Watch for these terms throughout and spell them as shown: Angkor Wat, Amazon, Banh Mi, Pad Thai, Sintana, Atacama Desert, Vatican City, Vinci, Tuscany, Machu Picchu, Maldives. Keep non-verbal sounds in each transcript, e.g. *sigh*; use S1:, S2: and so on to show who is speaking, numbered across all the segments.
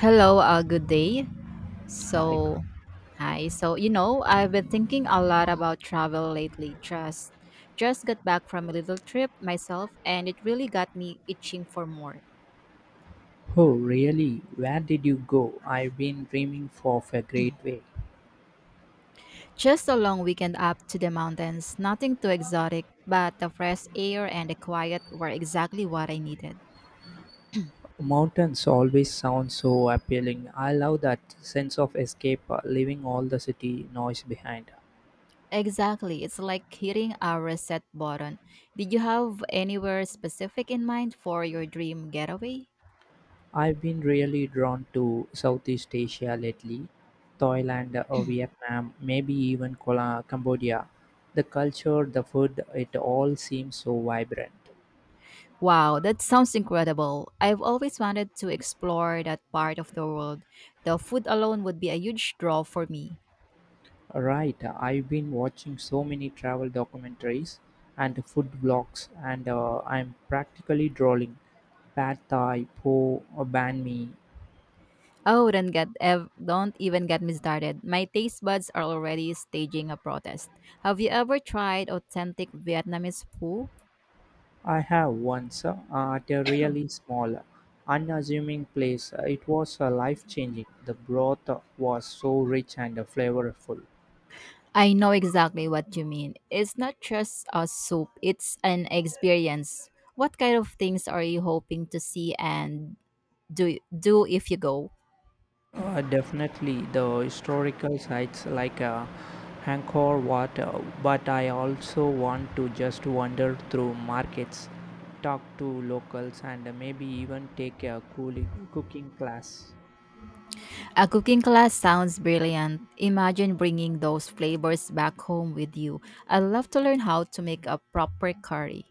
S1: Hello, good day.
S2: I go,
S1: So, hi. So, you know, I've been thinking a lot about travel lately. Just got back from a little trip myself and it really got me itching for more.
S2: oh really, where did you go? I've been dreaming of a great way.
S1: Just a long weekend up to the mountains, nothing too exotic, but the fresh air and the quiet were exactly what I needed.
S2: Mountains always sound so appealing. I love that sense of escape, leaving all the city noise behind.
S1: Exactly. It's like hitting a reset button. Did you have anywhere specific in mind for your dream getaway?
S2: I've been really drawn to Southeast Asia lately, Thailand or Vietnam, maybe even Cambodia. The culture, the food, it all seems so vibrant.
S1: Wow, that sounds incredible. I've always wanted to explore that part of the world. The food alone would be a huge draw for me.
S2: Right, I've been watching so many travel documentaries and food vlogs, and I'm practically drooling. Pad Thai, Po, Banh Mi.
S1: Oh, don't even get me started. My taste buds are already staging a protest. Have you ever tried authentic Vietnamese pho?
S2: I have once at a really small, unassuming place. It was life changing. The broth was so rich and flavorful.
S1: I know exactly what you mean. It's not just a soup, it's an experience. What kind of things are you hoping to see and do if you go?
S2: Definitely the historical sites like Angkor Wat, but I also want to just wander through markets, talk to locals, and maybe even take a cooking class.
S1: A cooking class sounds brilliant. Imagine bringing those flavors back home with you. I'd love to learn how to make a proper curry.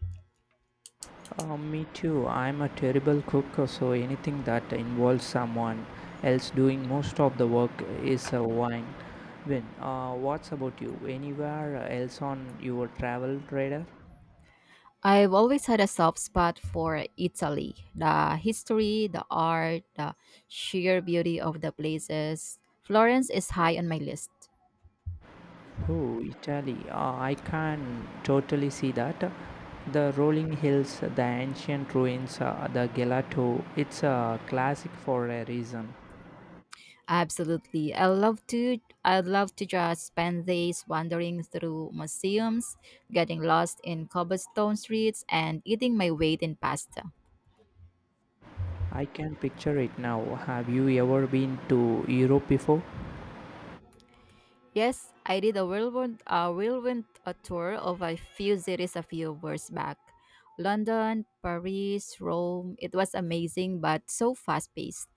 S2: Me too. I'm a terrible cook, so anything that involves someone else doing most of the work is a win. What's about you? Anywhere else on your travel radar?
S1: I've always had a soft spot for Italy. The history, the art, the sheer beauty of the places. Florence is high on my list.
S2: Oh, Italy. Ah, I can totally see that. The rolling hills, the ancient ruins, the gelato. It's a classic for a reason.
S1: Absolutely. I'd love to just spend days wandering through museums, getting lost in cobblestone streets and eating my weight in pasta.
S2: I can picture it now. Have you ever been to Europe before?
S1: Yes, I did a whirlwind a tour of a few cities a few years back. London, Paris, Rome. It was amazing, but so fast paced.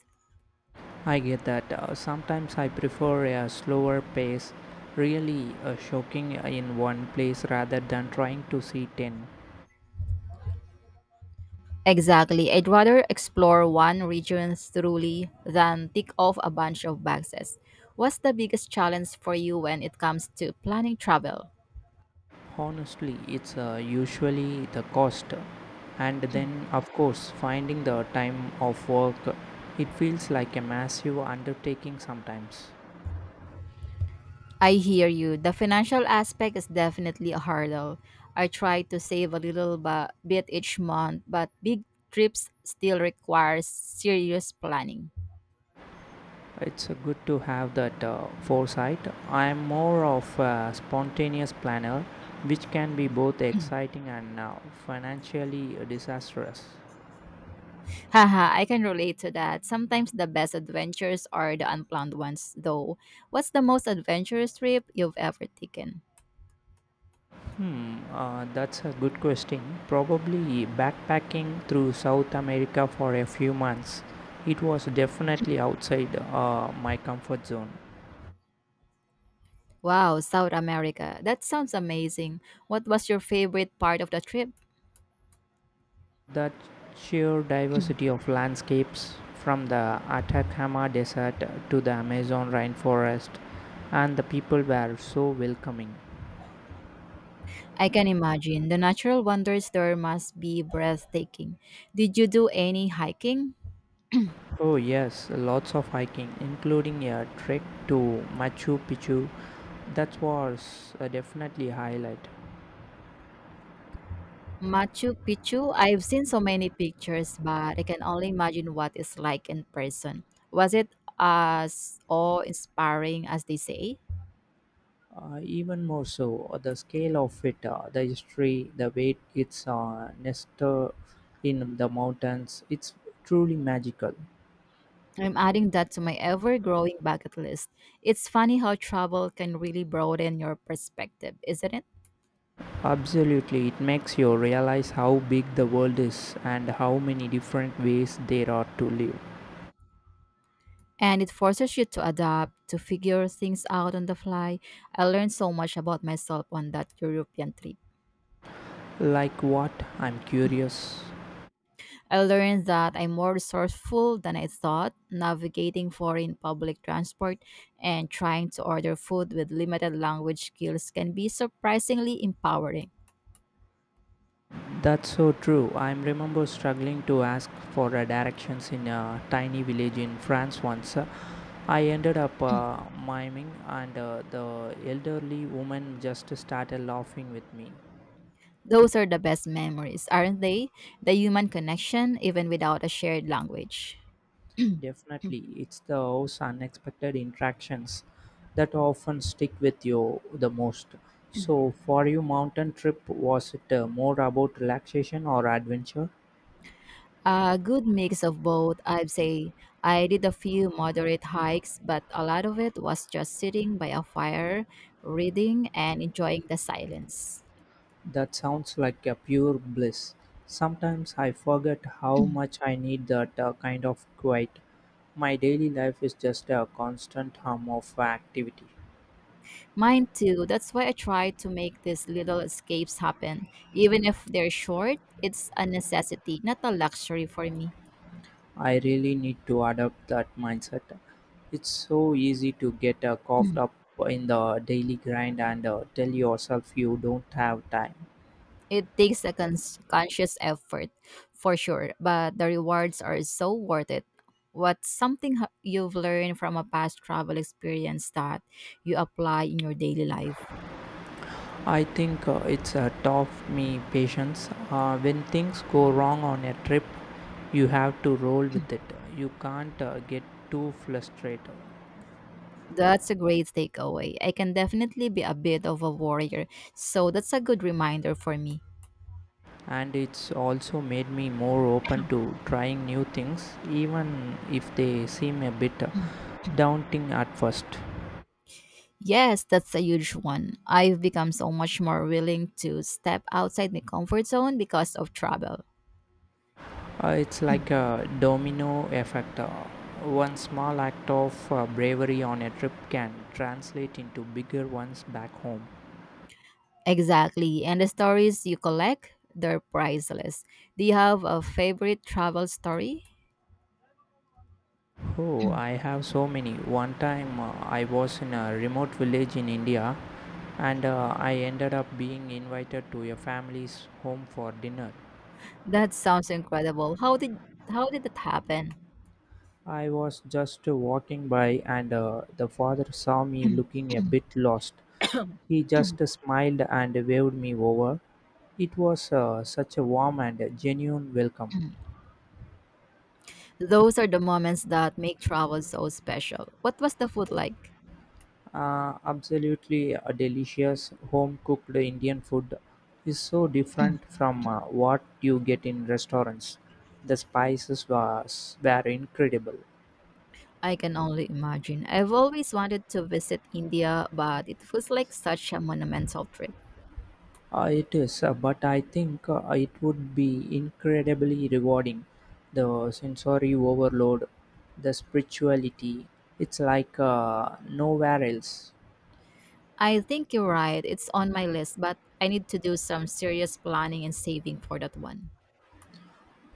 S2: I get that. Sometimes I prefer a slower pace, really shocking in one place rather than trying to see 10.
S1: Exactly. I'd rather explore one region thoroughly than tick off a bunch of boxes. What's the biggest challenge for you when it comes to planning travel?
S2: Honestly, it's usually the cost, and then, of course, finding the time of work. It feels like a massive undertaking sometimes.
S1: I hear you. The financial aspect is definitely a hurdle. I try to save a little bit each month, but big trips still require serious planning.
S2: It's good to have that foresight. I'm more of a spontaneous planner, which can be both exciting and financially disastrous.
S1: Haha, I can relate to that. Sometimes the best adventures are the unplanned ones, though. What's the most adventurous trip you've ever taken?
S2: That's a good question. Probably backpacking through South America for a few months. It was definitely outside my comfort zone.
S1: Wow, South America. That sounds amazing. What was your favorite part of the trip?
S2: The sheer diversity of landscapes, from the Atacama Desert to the Amazon rainforest, and the people were so welcoming.
S1: I can imagine. The natural wonders there must be breathtaking. Did you do any hiking?
S2: Oh, yes, lots of hiking, including a trek to Machu Picchu. That was definitely a highlight.
S1: Machu Picchu, I've seen so many pictures, but I can only imagine what it's like in person. Was it as awe-inspiring as they say?
S2: Even more so, the scale of it, the history, the way it's nested in the mountains, it's truly magical.
S1: I'm adding that to my ever-growing bucket list. It's funny how travel can really broaden your perspective, isn't it?
S2: Absolutely, it makes you realize how big the world is and how many different ways there are to live.
S1: And it forces you to adapt, to figure things out on the fly. I learned so much about myself on that European trip.
S2: Like what? I'm curious.
S1: I learned that I'm more resourceful than I thought, navigating foreign public transport and trying to order food with limited language skills can be surprisingly empowering.
S2: That's so true. I remember struggling to ask for directions in a tiny village in France once. I ended up miming, and the elderly woman just started laughing with me.
S1: Those are the best memories, aren't they? The human connection, even without a shared language.
S2: Definitely, it's those unexpected interactions that often stick with you the most. So, for you, mountain trip was it more about relaxation or adventure?
S1: A good mix of both, I'd say. I did a few moderate hikes, but a lot of it was just sitting by a fire, reading, and enjoying the silence.
S2: That sounds like a pure bliss. Sometimes I forget how
S1: *clears throat*
S2: much I need that kind of quiet. My daily life is just a constant hum of activity.
S1: Mine too. That's why I try to make these little escapes happen. Even if they're short, it's a necessity, not a luxury for me.
S2: I really need to adopt that mindset. It's so easy to get caught up in the daily grind and tell yourself you don't have time.
S1: It takes a conscious effort for sure, but the rewards are so worth it. What's something you've learned from a past travel experience that you apply in your daily life?
S2: I think it's taught me patience. When things go wrong on a trip, you have to roll with it. You can't get too frustrated.
S1: That's a great takeaway. I can definitely be a bit of a warrior, so that's a good reminder for me.
S2: And it's also made me more open to trying new things, even if they seem a bit daunting at first.
S1: Yes, that's a huge one. I've become so much more willing to step outside my comfort zone because of travel.
S2: It's like a domino effect. One small act of bravery on a trip can translate into bigger ones back home.
S1: Exactly. And the stories you collect, they're priceless. Do you have a favorite travel story?
S2: Oh, I
S1: *clears throat*
S2: have so many. One time I was in a remote village in India and I ended up being invited to a family's home for dinner.
S1: That sounds incredible. How did that happen?
S2: I was just walking by and the father saw me
S1: *clears throat*
S2: looking a bit lost. He just smiled and waved me over. It was such a warm and genuine welcome.
S1: Those are the moments that make travel so special. What was the food like?
S2: Absolutely a delicious home cooked Indian food is so different from what you get in restaurants. The spices was were incredible.
S1: I can only imagine. I've always wanted to visit India, but it feels like such a monumental trip.
S2: It is, but I think it would be incredibly rewarding. The sensory overload, the spirituality, it's like nowhere else.
S1: I think you're right. It's on my list, but I need to do some serious planning and saving for that one.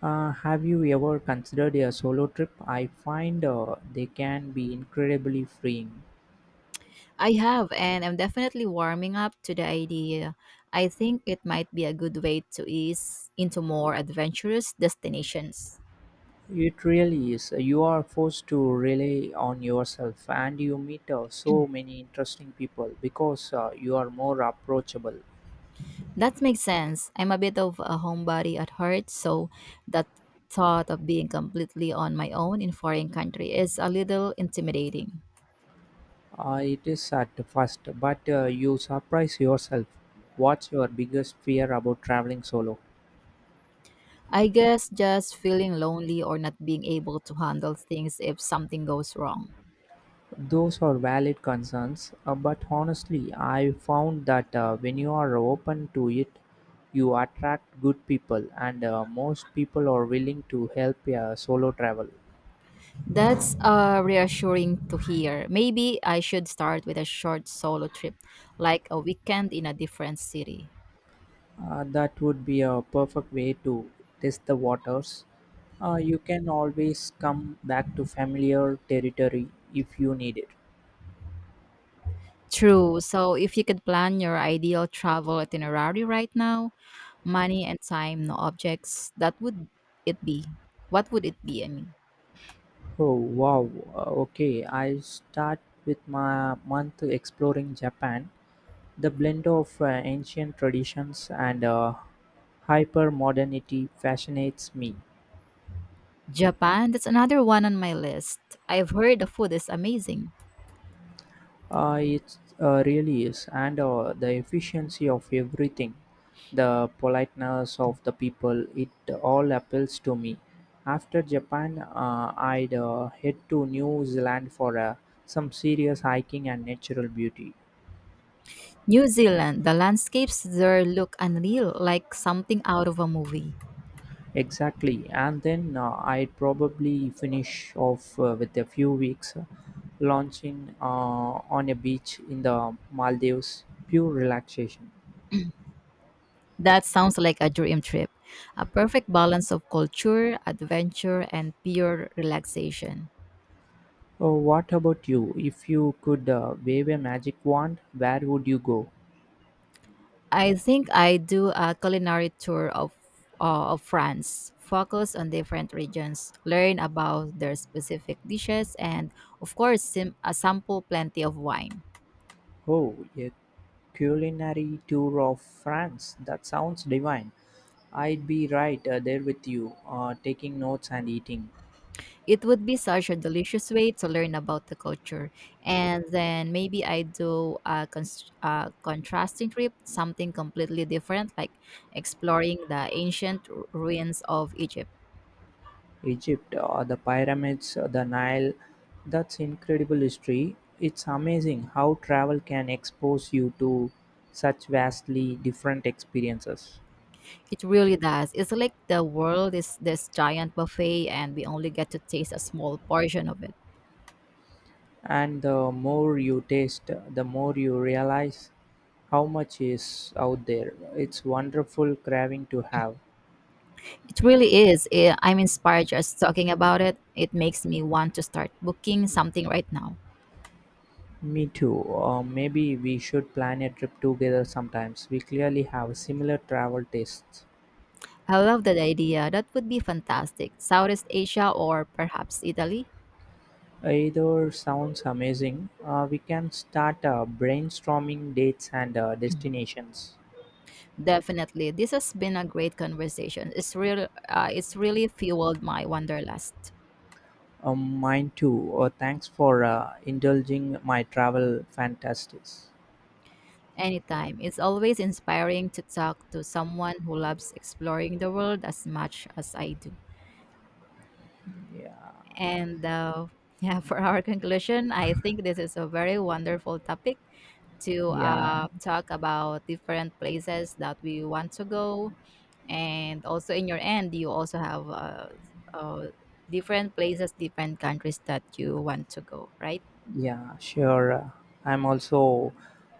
S2: Have you ever considered a solo trip? I find they can be incredibly freeing.
S1: I have, and I'm definitely warming up to the idea. I think it might be a good way to ease into more adventurous destinations.
S2: It really is. You are forced to rely on yourself, and you meet so many interesting people because you are more approachable.
S1: That makes sense. I'm a bit of a homebody at heart, so that thought of being completely on my own in foreign country is a little intimidating.
S2: It is at first, but you surprise yourself. What's your biggest fear about traveling solo?
S1: I guess just feeling lonely or not being able to handle things if something goes wrong.
S2: Those are valid concerns, but honestly, I found that when you are open to it, you attract good people, and most people are willing to help a solo travel.
S1: That's reassuring to hear. Maybe I should start with a short solo trip, like a weekend in a different city.
S2: That would be a perfect way to test the waters. You can always come back to familiar territory if you need it.
S1: True. So, if you could plan your ideal travel itinerary right now, money and time, no objects, that would it be? What would it be?
S2: Oh wow. Okay. I start with my month exploring Japan. The blend of ancient traditions and hyper modernity fascinates me.
S1: Japan, that's another one on my list. I've heard the food is amazing.
S2: It really is, and the efficiency of everything, the politeness of the people, it all appeals to me. After Japan, I'd head to New Zealand for some serious hiking and natural beauty.
S1: New Zealand, the landscapes there look unreal, like something out of a movie.
S2: Exactly, and then I'd probably finish off with a few weeks launching on a beach in the Maldives, pure relaxation.
S1: That sounds like a dream trip. A perfect balance of culture, adventure, and pure relaxation.
S2: Oh, what about you? If you could wave a magic wand, where would you go?
S1: I think I do a culinary tour of France, focus on different regions, learn about their specific dishes, and of course, sample plenty of wine.
S2: Oh, a culinary tour of France. That sounds divine. I'd be right there with you, taking notes and eating.
S1: It would be such a delicious way to learn about the culture. And then maybe I do a, a contrasting trip, something completely different, like exploring the ancient ruins of Egypt.
S2: Egypt, the pyramids, the Nile. That's incredible history. It's amazing how travel can expose you to such vastly different experiences.
S1: It really does. It's like the world is this giant buffet and we only get to taste a small portion of it.
S2: And the more you taste, the more you realize how much is out there. It's wonderful craving to have.
S1: It really is. I'm inspired just talking about it. It makes me want to start booking something right now.
S2: Me too. Maybe we should plan a trip together sometimes. We clearly have similar travel tastes.
S1: I love that idea. That would be fantastic. Southeast Asia or perhaps Italy?
S2: Either sounds amazing. We can start brainstorming dates and destinations.
S1: Definitely. This has been a great conversation. It's really fueled my wanderlust.
S2: Mine too. Thanks for indulging my travel fantasies.
S1: Anytime. It's always inspiring to talk to someone who loves exploring the world as much as I do.
S2: Yeah.
S1: And yeah, for our conclusion, I think this is a very wonderful topic to
S2: Yeah.
S1: talk about different places that we want to go. And also, in your end, you also have uh, different places, different countries that you want to go, right?
S2: Yeah, sure. I'm also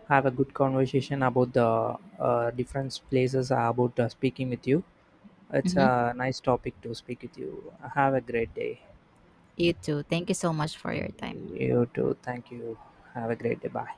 S2: have a good conversation about the different places about speaking with you. It's
S1: Hmm.
S2: a nice topic to speak with you. Have a great day.
S1: You too. Thank you so much for your time.
S2: You too. Thank you. Have a great day. Bye.